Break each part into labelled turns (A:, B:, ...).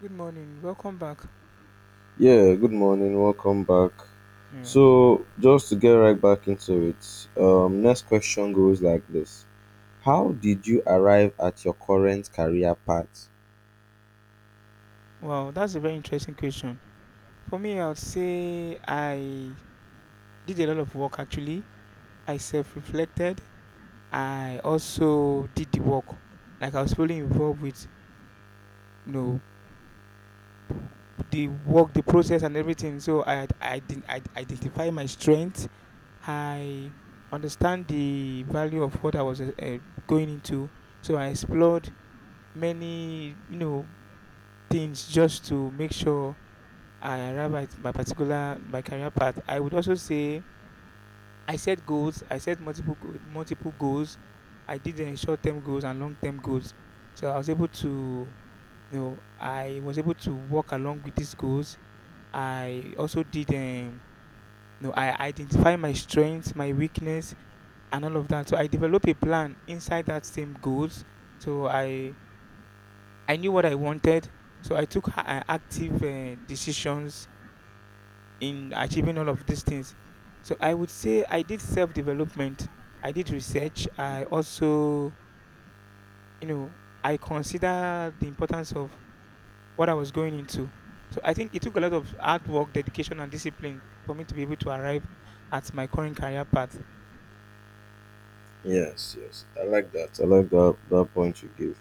A: Good morning. Welcome back.
B: Yeah, good morning. Welcome back.
A: Yeah.
B: So, just to get right back into it, next question goes like this. How did you arrive at your current career path?
A: Wow, that's a very interesting question. For me, I would say I did a lot of work actually. I self reflected. I also did the work. Like I was fully involved with you know the work, the process and everything. So I didn't I identify my strength. I understand the value of what I was going into. So I explored many, you know, things just to make sure I arrive at my career path. I would also say I set goals. I set multiple goals. I did short term goals and long term goals. So I was able to work along with these goals. I also did I identify my strengths, my weakness, and all of that. So I developed a plan inside that same goals. So I knew what I wanted. So I took active decisions in achieving all of these things. So I would say I did self development, I did research, I also, I consider the importance of what I was going into. So I think it took a lot of hard work, dedication, and discipline for me to be able to arrive at my current career path.
B: Yes, yes, I like that. I like that, that point you gave.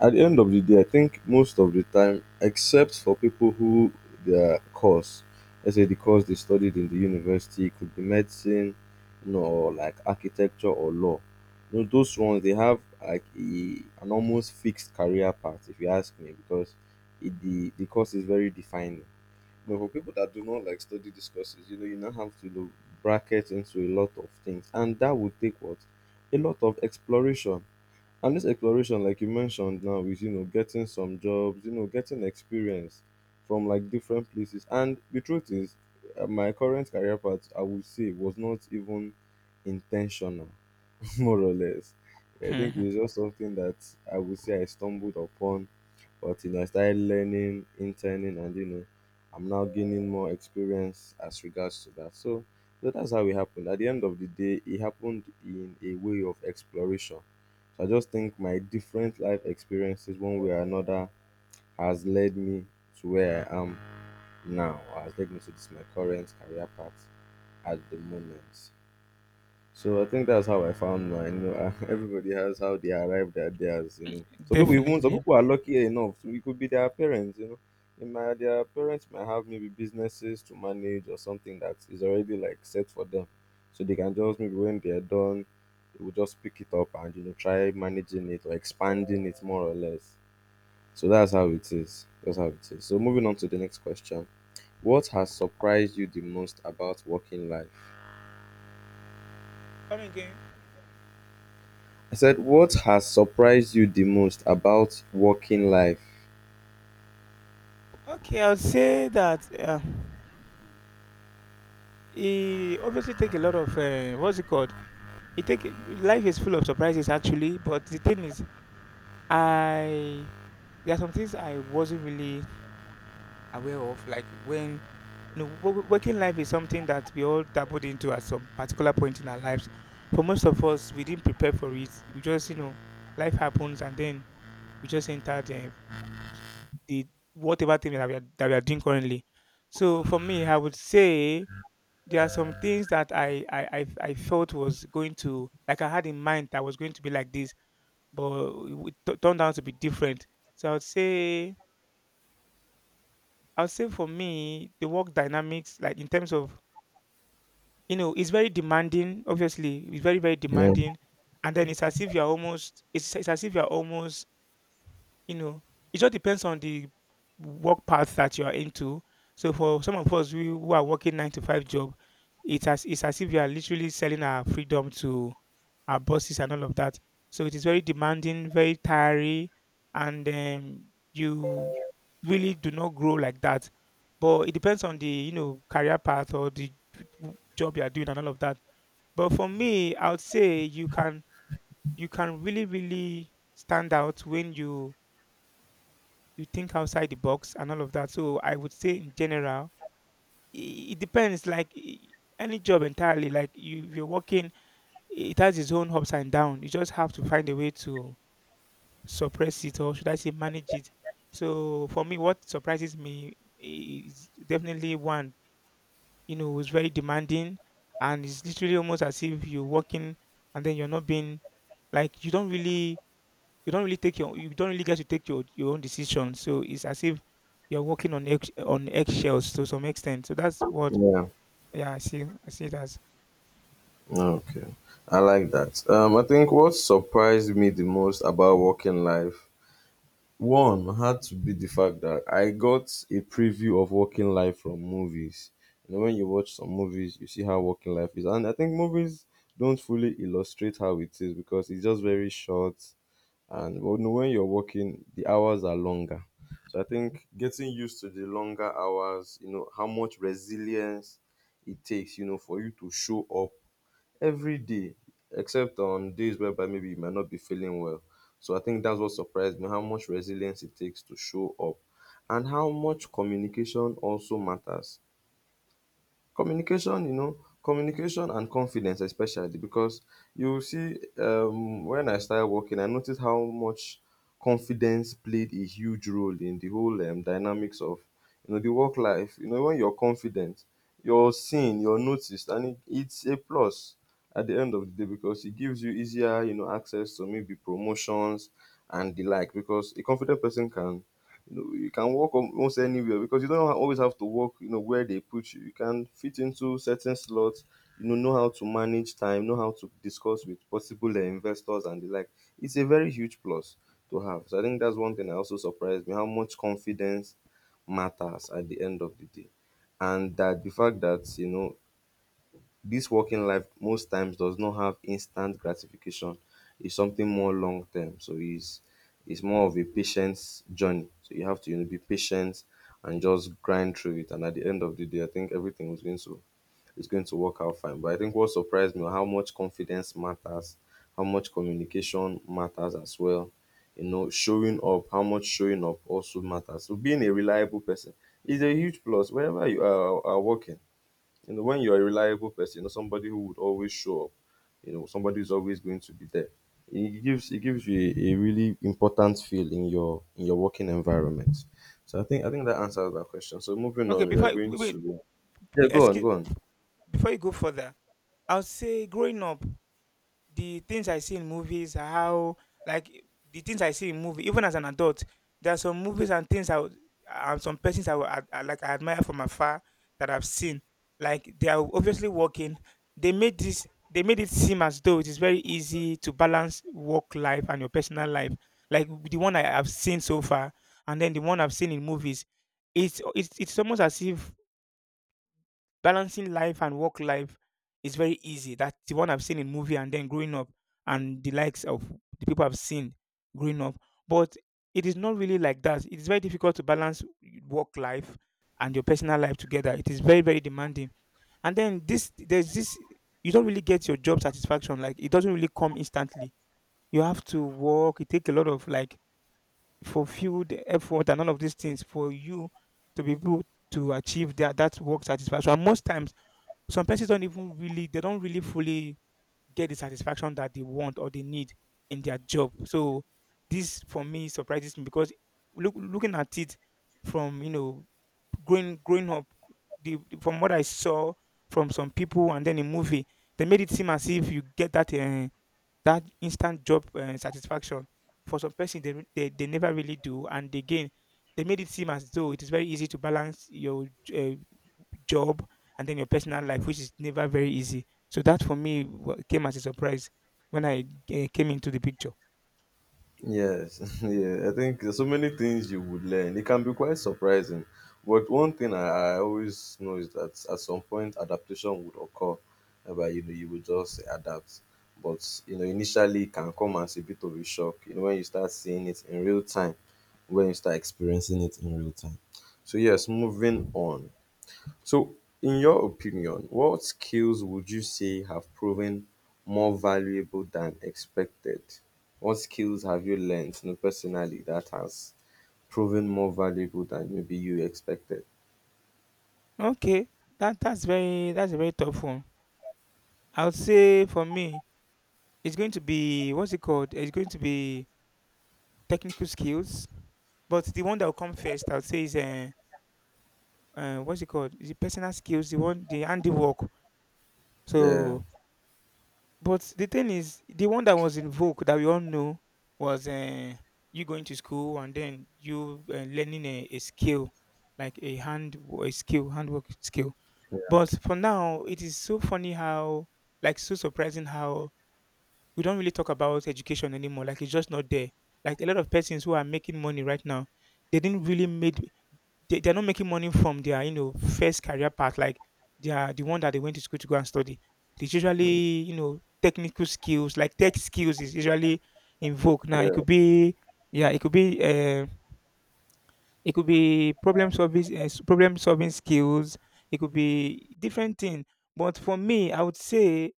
B: At the end of the day, I think most of the time, except for people who their course, let's say the course they studied in the university could be medicine, you know, or like architecture or law. You know, those ones they have like a, an almost fixed career path, if you ask me, because it, the course is very defining. You know, for people that do not like study these courses, you now have to bracket into a lot of things, and that would take what a lot of exploration, and this exploration, like you mentioned now, is getting some jobs, getting experience from like different places. And the truth is, my current career path, I would say, was not even intentional. More or less. I think
A: Mhm.
B: it's just something that I would say I stumbled upon, but until I started learning, interning, and I'm now gaining more experience as regards to that. So, that's how it happened. At the end of the day, it happened in a way of exploration. So I just think my different life experiences, one way or another, has led me to where I am now, or has led me to this my current career path at the moment. So I think that's how I found mine. You know, everybody has how they arrived at theirs. You know, some people, even some
A: Definitely.
B: people are lucky enough. So it could be their parents. You know, their parents might have maybe businesses to manage or something that is already like set for them, so they can just maybe when they are done, they will just pick it up and try managing it or expanding it more or less. So that's how it is. That's how it is. So moving on to the next question. What has surprised you the most about working life?
A: Come again.
B: I said, what has surprised you the most about working life?
A: Okay, I'll say that it obviously take a lot of what's it called? It take Life is full of surprises actually, but the thing is I there are some things I wasn't really aware of, like when working life is something that we all dabbled into at some particular point in our lives. For most of us, we didn't prepare for it. We just life happens, and then we just entered the whatever thing that we are doing currently. So for me, I would say there are some things that I felt was going to like I had in mind that was going to be like this but it turned out to be different. So I would say, I would say for me, the work dynamics, like in terms of, you know, it's very demanding. Obviously, it's very
B: Yeah,
A: demanding, and then it's as if you're almost, you know, it just depends on the work path that you are into. So for some of us who are working nine to five job, it's as if you are literally selling our freedom to our bosses and all of that. So it is very demanding, very tiring, and you really do not grow like that. But it depends on the you know career path or the job you are doing and all of that. But for me, I would say you can really stand out when you think outside the box and all of that. So I would say in general, i- it depends. Any job entirely, like you, if you're working, it has its own ups and downs. You just have to find a way to suppress it or should I say manage it. So for me, what surprises me is definitely one, you know, who's very demanding and it's literally almost as if you're working and then you're not being like you don't really get to take your own decision. So it's as if you're working on eggshells to some extent. So that's what
B: yeah,
A: yeah, I see it as
B: okay. I like that. I think what surprised me the most about working life, one had to be the fact that I got a preview of working life from movies. You know, when you watch some movies, you see how working life is, and I think movies don't fully illustrate how it is because it's just very short. And when you're working, the hours are longer. So I think getting used to the longer hours, how much resilience it takes, for you to show up every day, except on days whereby maybe you might not be feeling well. So I think that's what surprised me, how much resilience it takes to show up and how much communication also matters. Communication, you know, communication and confidence, especially because you see, when I started working, I noticed how much confidence played a huge role in the whole dynamics of, the work life. When you're confident, you're seen, you're noticed, and it's a plus at the end of the day because it gives you easier, access to maybe promotions and the like because a confident person can you know, you can work almost anywhere because you don't always have to work, where they put you. You can fit into certain slots, you know how to manage time, know how to discuss with possible investors and the like. It's a very huge plus to have. So I think that's one thing that also surprised me, how much confidence matters at the end of the day. And that the fact that, this working life most times does not have instant gratification. It's something more long term. So it's more of a patience journey. So you have to be patient and just grind through it. And at the end of the day, I think everything is going to work out fine. But I think what surprised me was how much confidence matters, how much communication matters as well. Showing up, how much showing up also matters. So being a reliable person is a huge plus wherever you are working. When you're a reliable person, somebody who would always show up, somebody who's always going to be there. It gives you a really important feel in your working environment. So I think that answers that question. So moving
A: okay
B: on, we are going
A: wait,
B: to. Yeah,
A: wait
B: go on,
A: excuse
B: go on.
A: before you go further, I'll say growing up. The things I see in movies are how like the things I see in movie, even as an adult, there are some movies and things I would and some persons I I admire from afar that I've seen. Like they are obviously working. They made this they made it seem as though it is very easy to balance work life and your personal life. Like the one I have seen so far and then the one I've seen in movies. It's almost as if balancing life and work life is very easy. That's the one I've seen in movie and then growing up and the likes of the people I've seen growing up. But it is not really like that. It is very difficult to balance work life and your personal life together. It is very, very demanding. And then this there's this you don't really get your job satisfaction. Like it doesn't really come instantly. You have to work, it takes a lot of like fulfilled effort and all of these things for you to be able to achieve that work satisfaction. And most times some persons don't even really they don't really fully get the satisfaction that they want or they need in their job, so this for me surprises me because looking at it from you know growing up from what I saw from some people and then in movie, they made it seem as if you get that that instant job satisfaction. For some person they never really do, and again they made it seem as though it is very easy to balance your uh, job, and then your personal life, which is never very easy. So that for me came as a surprise when I came into the picture.
B: Yes, yeah, I think there's so many things you would learn. It can be quite surprising, but one thing I always know is that at some point adaptation would occur, whereby you know you will just adapt. But you know, initially it can come as a bit of a shock. You know, when you start seeing it in real time, when you start experiencing it in real time. So yes, moving on. So, in your opinion, what skills would you say have proven more valuable than expected? What skills have you learned, you know, personally that has proven more valuable than maybe you expected?
A: Okay, that's very that's a very tough one. I would say for me, it's going to be what's it called? It's going to be technical skills. But the one that will come first, I would say is what's it called? Is it personal skills? The one the handiwork.
B: Yeah,
A: So, but the thing is, the one that was in vogue that we all know was you going to school and then you learning a skill, like a a skill, handwork skill. But for now, it is so funny how, like, so surprising how we don't really talk about education anymore. Like, it's just not there. Like a lot of persons who are making money right now, they didn't really made they, they're not making money from their you know first career path like they are the one that they went to school to go and study. It's usually you know technical skills, like tech skills is usually in vogue now. It
B: yeah,
A: could be yeah, it could be problem solving skills, it could be different thing. But for me I would say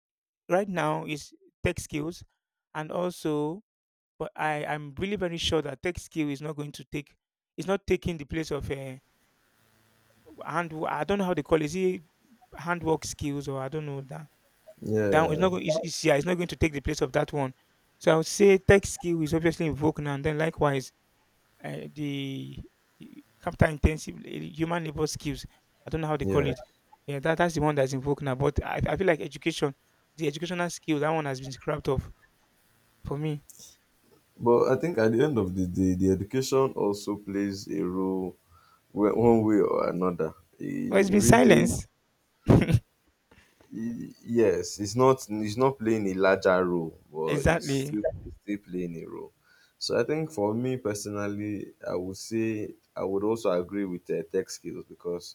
A: right now is tech skills. And also, but I'm really very sure that tech skill is not going to take it's not taking the place of hand, I don't know how they call it. Is it handwork skills or I don't know that down.
B: yeah,
A: It's, yeah, it's not going to take the place of that one. So I would say tech skill is obviously in vogue now and then likewise the eh, capital intensive human labor skills. I don't know how they call
B: yeah.
A: it. Yeah, that's the one that's in vogue now. But I feel like education, the educational skill, that one has been scrapped off for me.
B: But I think at the end of the day, the education also plays a role, one way or another,
A: Well, it's
B: in
A: been
B: reading.
A: silence.
B: Yes, it's not playing a larger role, but it's
A: Exactly.
B: still it's still playing a role. So I think for me personally, I would say I would also agree with tech skills because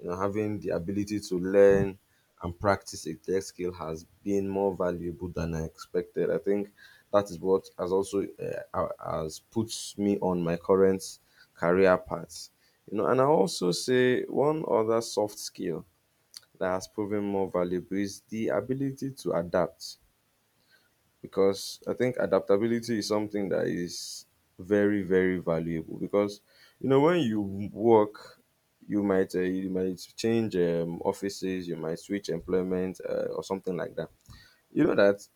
B: having the ability to learn and practice a tech skill has been more valuable than I expected. I think that is what has also has put me on my current career path. And I also say one other soft skill that has proven more valuable is the ability to adapt because I think adaptability is something that is very, very valuable because you know when you work, you might change offices, you might switch employment or something like that, that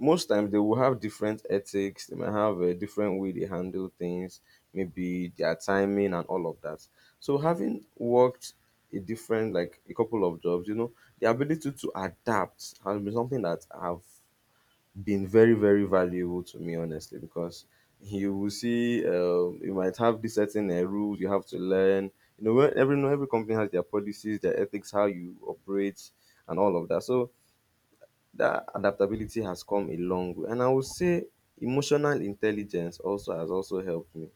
B: most times they will have different ethics, they might have a different way they handle things, maybe their timing and all of that. So having worked a different like a couple of jobs, you know, the ability to adapt has been something that have been very, very valuable to me honestly because you will see you might have these certain rules you have to learn. Where every company has their policies, their ethics, how you operate and all of that. So that adaptability has come a long way. And I would say emotional intelligence also has also helped me,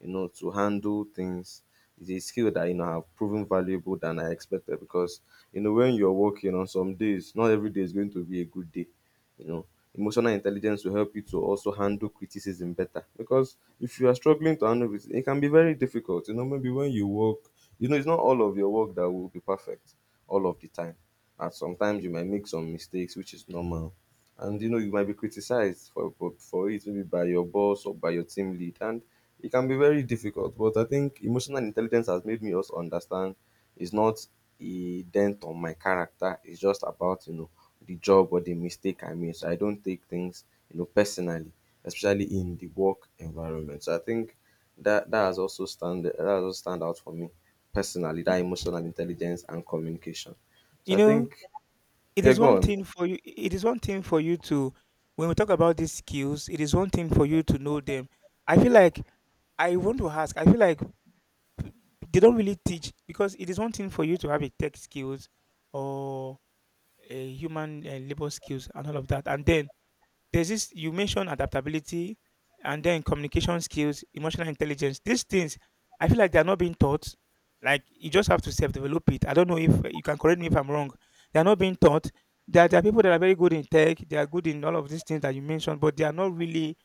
B: to handle things. It's a skill that have proven valuable than I expected because when you're working on some days, not every day is going to be a good day. You know, emotional intelligence will help you to also handle criticism better because if you are struggling to handle it, it can be very difficult. Maybe when you work, it's not all of your work that will be perfect all of the time, and sometimes you might make some mistakes, which is normal, and you might be criticized for it, maybe by your boss or by your team lead, and it can be very difficult, but I think emotional intelligence has made me also understand it's not a dent on my character. It's just about the job or the mistake I made, so I don't take things personally, especially in the work environment. So I think that has also stand out for me personally, that emotional intelligence and communication.
A: You
B: So I
A: know
B: think, yeah, go on.
A: it is one thing for you to when we talk about these skills, it is one thing for you to know them. I feel like I want to ask, I feel like they don't really teach because it is one thing for you to have a tech skills or a human labor skills and all of that. And then there's this, you mentioned adaptability and then communication skills, emotional intelligence. These things I feel like they're not being taught. Like you just have to self-develop it. I don't know if you can correct me if I'm wrong. They're not being taught. There are people that are very good in tech. They are good in all of these things that you mentioned, but they are not really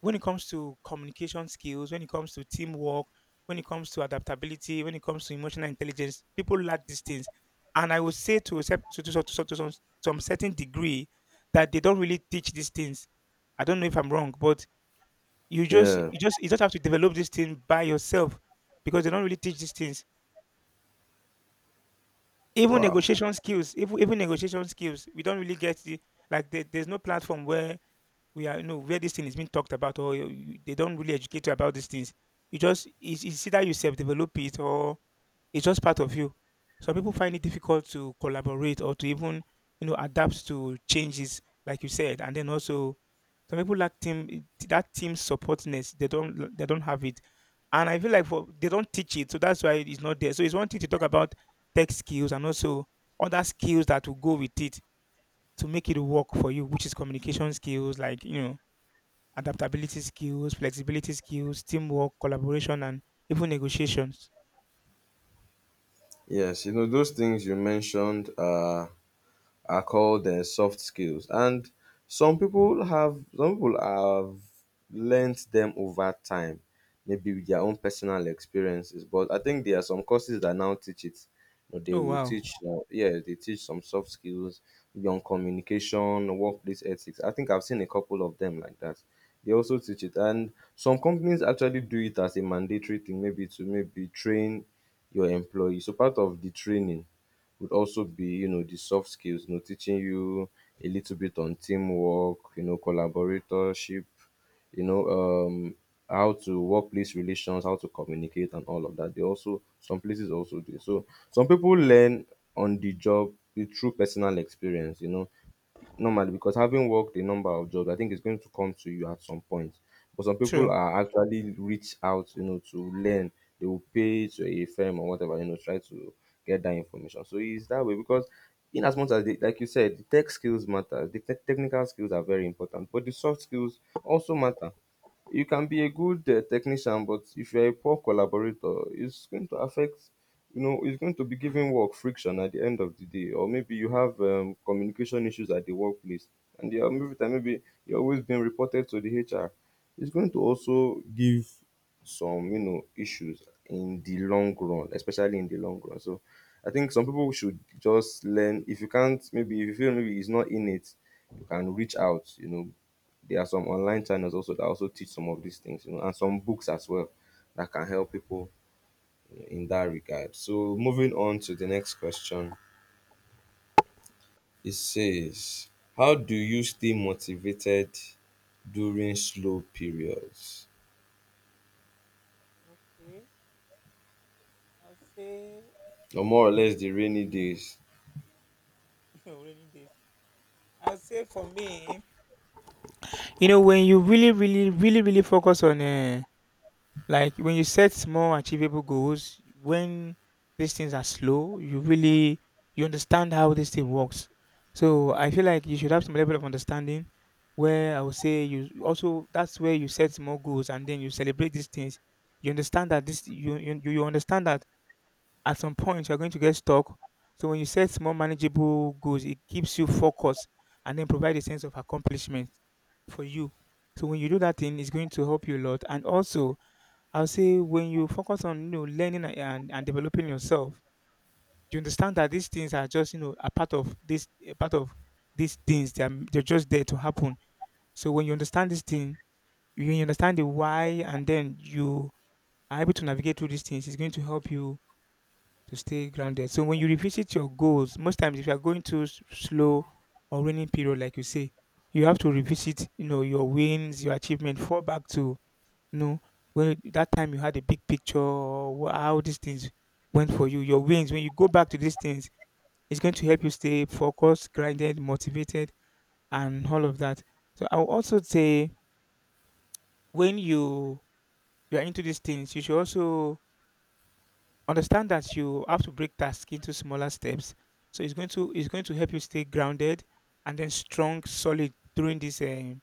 A: when it comes to communication skills, when it comes to teamwork, when it comes to adaptability, when it comes to emotional intelligence, people lack these things. And I would say to, a cert- to some certain degree that they don't really teach these things. I don't know if I'm wrong, but
B: Yeah,
A: you just have to develop this thing by yourself because they don't really teach these things. Even
B: wow.
A: negotiation skills, even negotiation skills, we don't really get the like there's no platform where we are where this thing is being talked about or they don't really educate you about these things. You just it's either you self-develop it or it's just part of you. Some people find it difficult to collaborate or to even adapt to changes like you said, and then also some people lack team supportness. They don't have it. And I feel like for they don't teach it, so that's why it's not there. So it's one thing to talk about tech skills and also other skills that will go with it to make it work for you, which is communication skills, like you know, adaptability skills, flexibility skills, teamwork, collaboration, and even negotiations.
B: Yes, those things you mentioned are called soft skills, and some people have learnt them over time, maybe with their own personal experiences. But I think there are some courses that now teach it. They
A: Oh
B: will
A: wow,
B: teach uh, yeah they teach some soft skills, maybe on communication, workplace ethics. I think I've seen a couple of them like that. They also teach it, and some companies actually do it as a mandatory thing, maybe train your employees. So part of the training would also be, the soft skills, teaching you a little bit on teamwork, collaboratorship, you know um how to workplace relations, how to communicate, and all of that. They also, some places also do. So some people
A: wow.
B: learn on the job, the through personal experience, normally, because, having worked a number of jobs, I think it's going to come to you at some point. But some people
A: True.
B: are actually reach out, to learn. They will pay to a firm or whatever, try to get that information. So it's that way because, in as much as they, like you said, the tech skills matter. The technical skills are very important, but the soft skills also matter. You can be a good technician, but if you're a poor collaborator, it's going to affect. It's going to be giving work friction at the end of the day. Or maybe you have communication issues at the workplace, and you're, maybe you're always being reported to the HR. It's going to also give some, issues in the long run, especially in the long run. So I think some people should just learn. If you can't, maybe if you feel maybe it's not in it, you can reach out. There are some online channels also that also teach some of these things, and some books as well that can help people in that regard. So moving on to the next question, it says, "How do you stay motivated during slow periods?"
A: Okay, I'll say
B: Or more or less the rainy days.
A: rainy days. I'll say for me, you know, when you really focus on like when you set small achievable goals, when these things are slow, you really you understand how this thing works. So I feel like you should have some level of understanding where I would say you also that's where you set small goals and then you celebrate these things. You understand that this you understand that at some point you're going to get stuck. So when you set small manageable goals, it keeps you focused and then provide a sense of accomplishment for you. So when you do that thing, it's going to help you a lot. And also I'll say when you focus on, you know, learning a and developing yourself, you understand that these things are just, you know, a part of these things. They are they're just there to happen. So when you understand this thing, you understand the why and then you are able to navigate through these things, it's going to help you to stay grounded. So when you revisit your goals, most times if you are going through slow or raining period, like you say, you have to revisit, you know, your wins, your achievement, fall back to no, when that time you had a big picture how these things went for you, your wins. When you go back to these things, it's going to help you stay focused, grounded, motivated, and all of that. So I would also say when you are into these things, you should also understand that you have to break tasks into smaller steps. So it's going to help you stay grounded and then strong, solid during this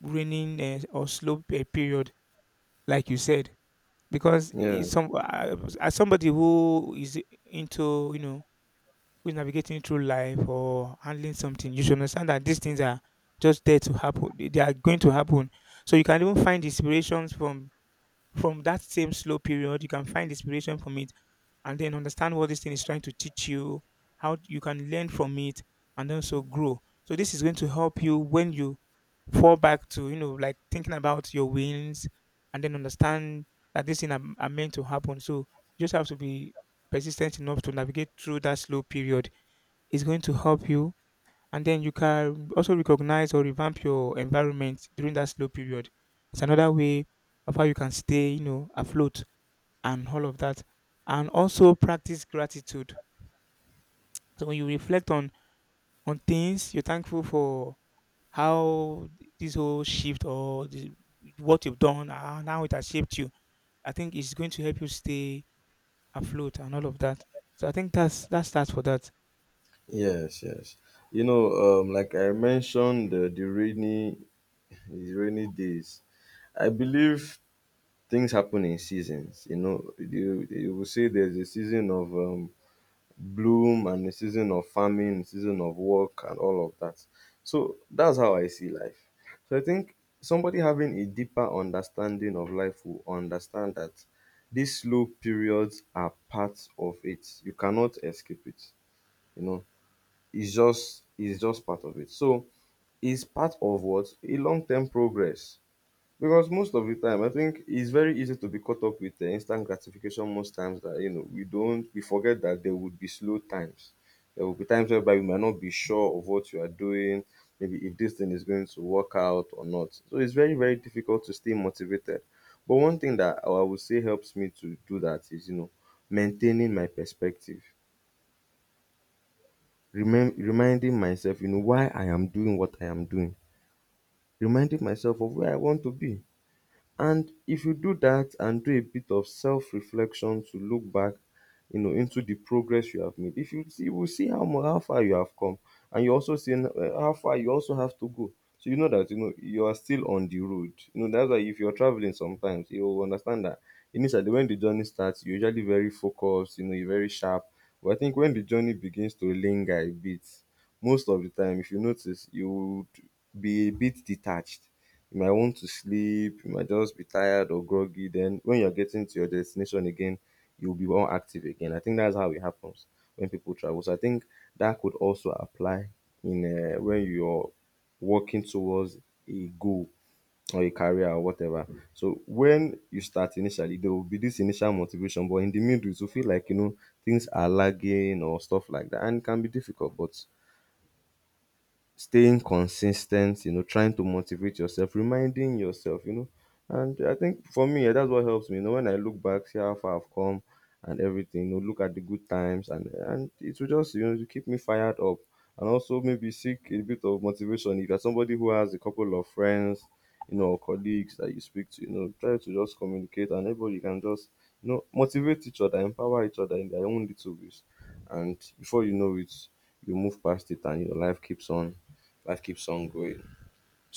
A: raining or slow period, like you said. Because
B: Yeah.
A: it's some as somebody who is into, you know, who is navigating through life or handling something, you should understand that these things are just there to happen. They are going to happen. So you can even find inspirations from that same slow period. You can find inspiration from it and then understand what this thing is trying to teach you, how you can learn from it, and also grow. So this is going to help you when you fall back to, you know, like thinking about your wins, and then understand that this thing are meant to happen. So you just have to be persistent enough to navigate through that slow period. It's going to help you, and then you can also recognize or revamp your environment during that slow period. It's another way of how you can stay, you know, afloat and all of that. And also practice gratitude. So when you reflect on things, you're thankful for how this whole shift or the, what you've done and how it has shaped you. I think it's going to help you stay afloat and all of that. So I think that's that for that.
B: Yes, yes. You know, like I mentioned, the rainy days. I believe things happen in seasons. You will say there's a season of bloom, and the season of farming, the season of work, and all of that. So that's how I see life. So I think somebody having a deeper understanding of life will understand that these slow periods are part of it. You cannot escape it. You know, it's just part of it. So it's part of what? A long-term progress. Because most of the time, I think it's very easy to be caught up with the instant gratification most times that, we don't, we forget that there would be slow times. There will be times whereby you might not be sure of what you are doing, maybe if this thing is going to work out or not. So it's very, very difficult to stay motivated. But one thing that I would say helps me to do that is, maintaining my perspective. Reminding myself, why I am doing what I am doing. Reminding myself of where I want to be. And if you do that and do a bit of self-reflection to look back, into the progress you have made, if you see, you will see how far you have come, and you also see how far you also have to go. So you know that you know you are still on the road. You know that's why if you're traveling, sometimes you will understand that initially when the journey starts, you're usually very focused. You're very sharp. But I think when the journey begins to linger a bit, most of the time, if you notice, you would be a bit detached. You might want to sleep, you might just be tired or groggy. Then when you're getting to your destination again, you'll be more active again. I think that's how it happens when people travel. So I think that could also apply, in when you're working towards a goal or a career or whatever. So when you start initially, there will be this initial motivation, but in the middle, you feel like, things are lagging or stuff like that, and it can be difficult. But staying consistent, trying to motivate yourself, reminding yourself, And I think for me, yeah, that's what helps me. When I look back, see how far I've come and everything, look at the good times, and it will just, to keep me fired up. And also maybe seek a bit of motivation. If you're somebody who has a couple of friends, or colleagues that you speak to, try to just communicate, and everybody can just, motivate each other, empower each other in their own little ways, and before you know it, you move past it, and your life keeps on going.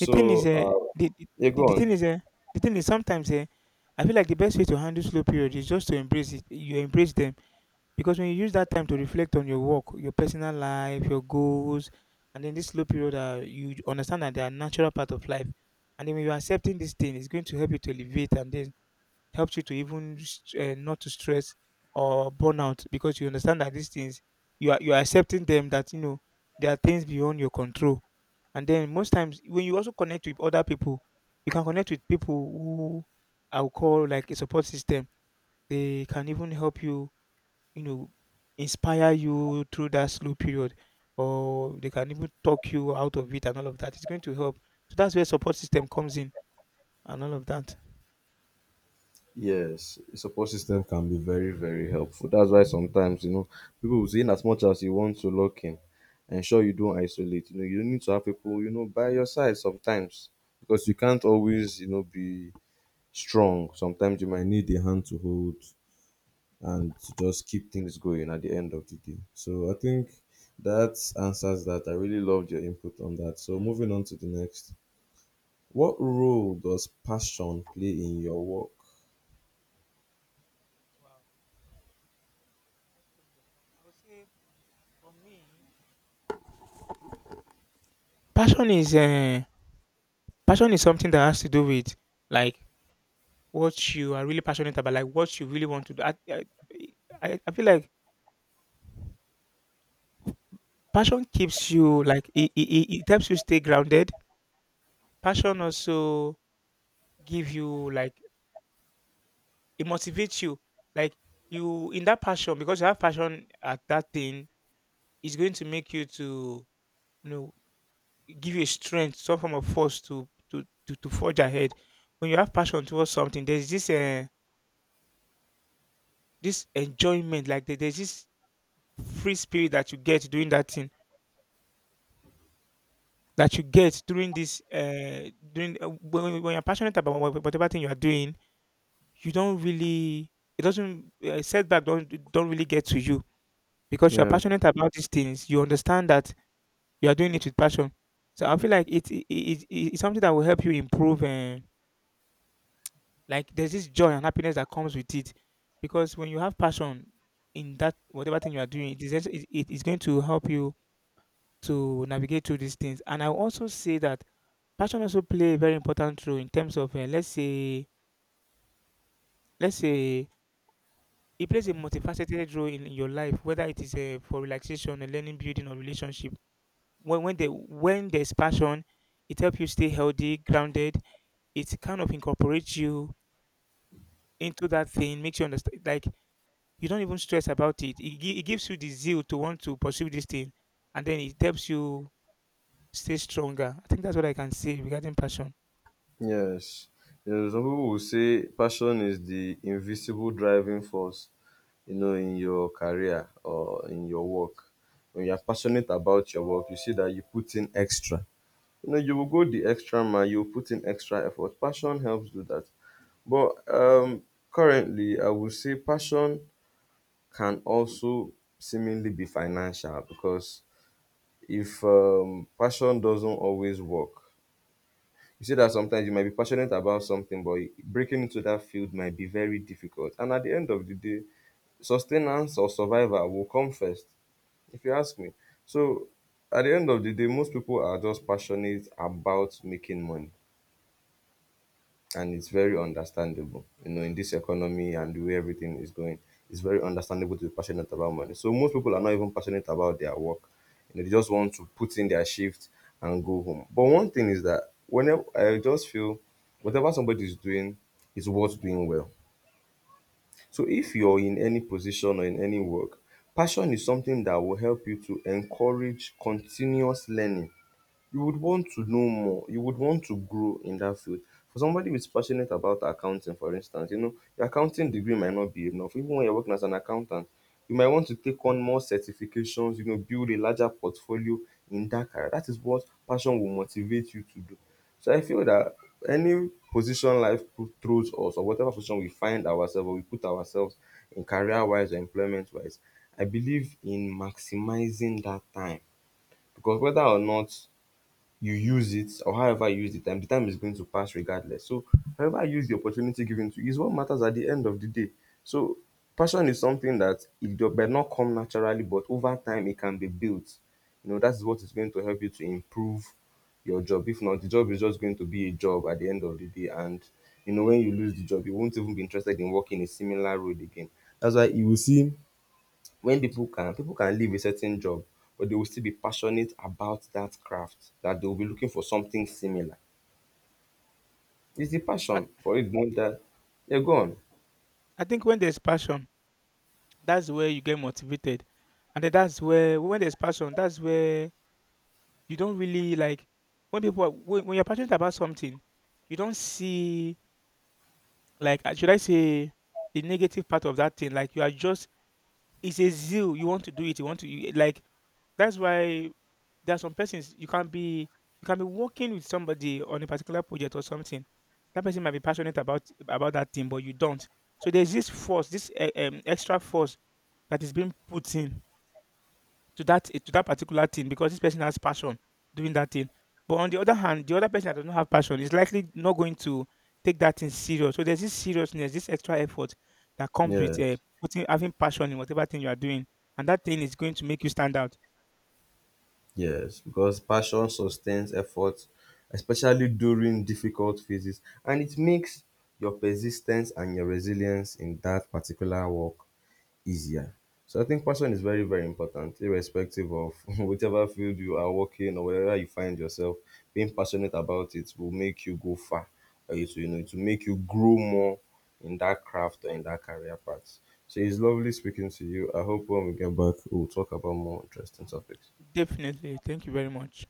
A: The thing is, uh, the,
B: yeah,
A: the
B: go
A: the thing
B: on.
A: is, the thing is sometimes, I feel like the best way to handle slow period is just to embrace it. You embrace them. Because when you use that time to reflect on your work, your personal life, your goals, and then this slow period, you understand that they are natural part of life. And then when you're accepting this thing, it's going to help you to elevate and then helps you to even not to stress or burn out because you understand that these things, you are accepting them that, you know, there are things beyond your control. And then most times when you also connect with other people, you can connect with people who I'll call like a support system. They can even help you, you know, inspire you through that slow period, or they can even talk you out of it and all of that. It's going to help. So that's where support system comes in and all of that.
B: Yes, support system can be very very helpful. That's why sometimes, people will say, in as much as you want to lock in, ensure you don't isolate, you need to have people, by your side sometimes, because you can't always, be strong. Sometimes you might need a hand to hold and to just keep things going at the end of the day. So I think that answers that. I really loved your input on that. So moving on to the next. What role does passion play in your work?
A: Wow. What shows your passion? I would say for me, passion is passion is something that has to do with like what you are really passionate about, like what you really want to do. I feel like passion keeps you like it helps you stay grounded. Passion also give you like it motivates you. Like you in that passion, because you have passion at that thing, it's going to make you to, you know, give you strength, some form of force to forge ahead. When you have passion towards something, there's this this enjoyment, like there's this free spirit that you get doing that thing that you get during this during when you're passionate about whatever thing you are doing, you don't really it doesn't setback don't really get to you because you're
B: Yeah,
A: passionate about these things. You understand that you are doing it with passion. So I feel like it's it, it, it, it's something that will help you improve. And like there's this joy and happiness that comes with it, because when you have passion in that whatever thing you are doing, it is going to help you to navigate through these things. And I will also say that passion also play a very important role in terms of, let's say it plays a multifaceted role in your life, whether it is for relaxation, learning, building, or relationship. When there when there's passion, it helps you stay healthy, grounded. It kind of incorporates you into that thing, makes you understand. Like you don't even stress about it. It gives you the zeal to want to pursue this thing, and then it helps you stay stronger. I think that's what I can say regarding passion.
B: yes. Some people will say passion is the invisible driving force, in your career or in your work. When you're passionate about your work, you see that you put in extra. You will go the extra mile, you put in extra effort. Passion helps do that. But currently, I would say passion can also seemingly be financial, because if, passion doesn't always work, you see that sometimes you might be passionate about something, but breaking into that field might be very difficult. And at the end of the day, sustenance or survival will come first, if you ask me. So at the end of the day, most people are just passionate about making money, and it's very understandable, in this economy and the way everything is going. It's very understandable to be passionate about money. So most people are not even passionate about their work. They just want to put in their shift and go home. But one thing is that whenever I just feel whatever somebody is doing is worth doing well. So if you're in any position or in any work, passion is something that will help you to encourage continuous learning. You would want to know more, you would want to grow in that field. For somebody who's passionate about accounting, for instance, your accounting degree might not be enough even when you're working as an accountant. You might want to take on more certifications, build a larger portfolio in that career. That is what passion will motivate you to do. So I feel that any position life put throws us, or whatever position we find ourselves or we put ourselves in, career wise or employment wise I believe in maximizing that time, because whether or not you use it, or however you use the time is going to pass regardless. So, however you use the opportunity given to you is what matters at the end of the day. So, passion is something that it may not come naturally, but over time it can be built. That's what is going to help you to improve your job. If not, the job is just going to be a job at the end of the day. And, when you lose the job, you won't even be interested in working a similar road again. That's why you will see, when people can leave a certain job, but they will still be passionate about that craft, that they will be looking for something similar. It's the
A: I,
B: passion for it, not that. Yeah, go on.
A: I think when there's passion, that's where you get motivated, and then that's where when there's passion, that's where you don't really like when when you're passionate about something, you don't see like, should I say the negative part of that thing? Like, you are just it's a zeal. You want to do it. You want to you, like. That's why there are some persons you can be working with somebody on a particular project or something. That person might be passionate about that thing, but you don't. So there's this force, this extra force that is being put in to that particular thing because this person has passion doing that thing. But on the other hand, the other person that does not have passion is likely not going to take that thing serious. So there's this seriousness, this extra effort that comes with
B: Yes,
A: putting having passion in whatever thing you are doing, and that thing is going to make you stand out.
B: yes, because passion sustains effort, especially during difficult phases, and it makes your persistence and your resilience in that particular work easier. So I think passion is very, very important, irrespective of whichever field you are working or wherever you find yourself. Being passionate about it will make you go far, or it will make you grow more in that craft or in that career path. So it's lovely speaking to you. I hope when we get back, we'll talk about more interesting topics.
A: Definitely. Thank you very much.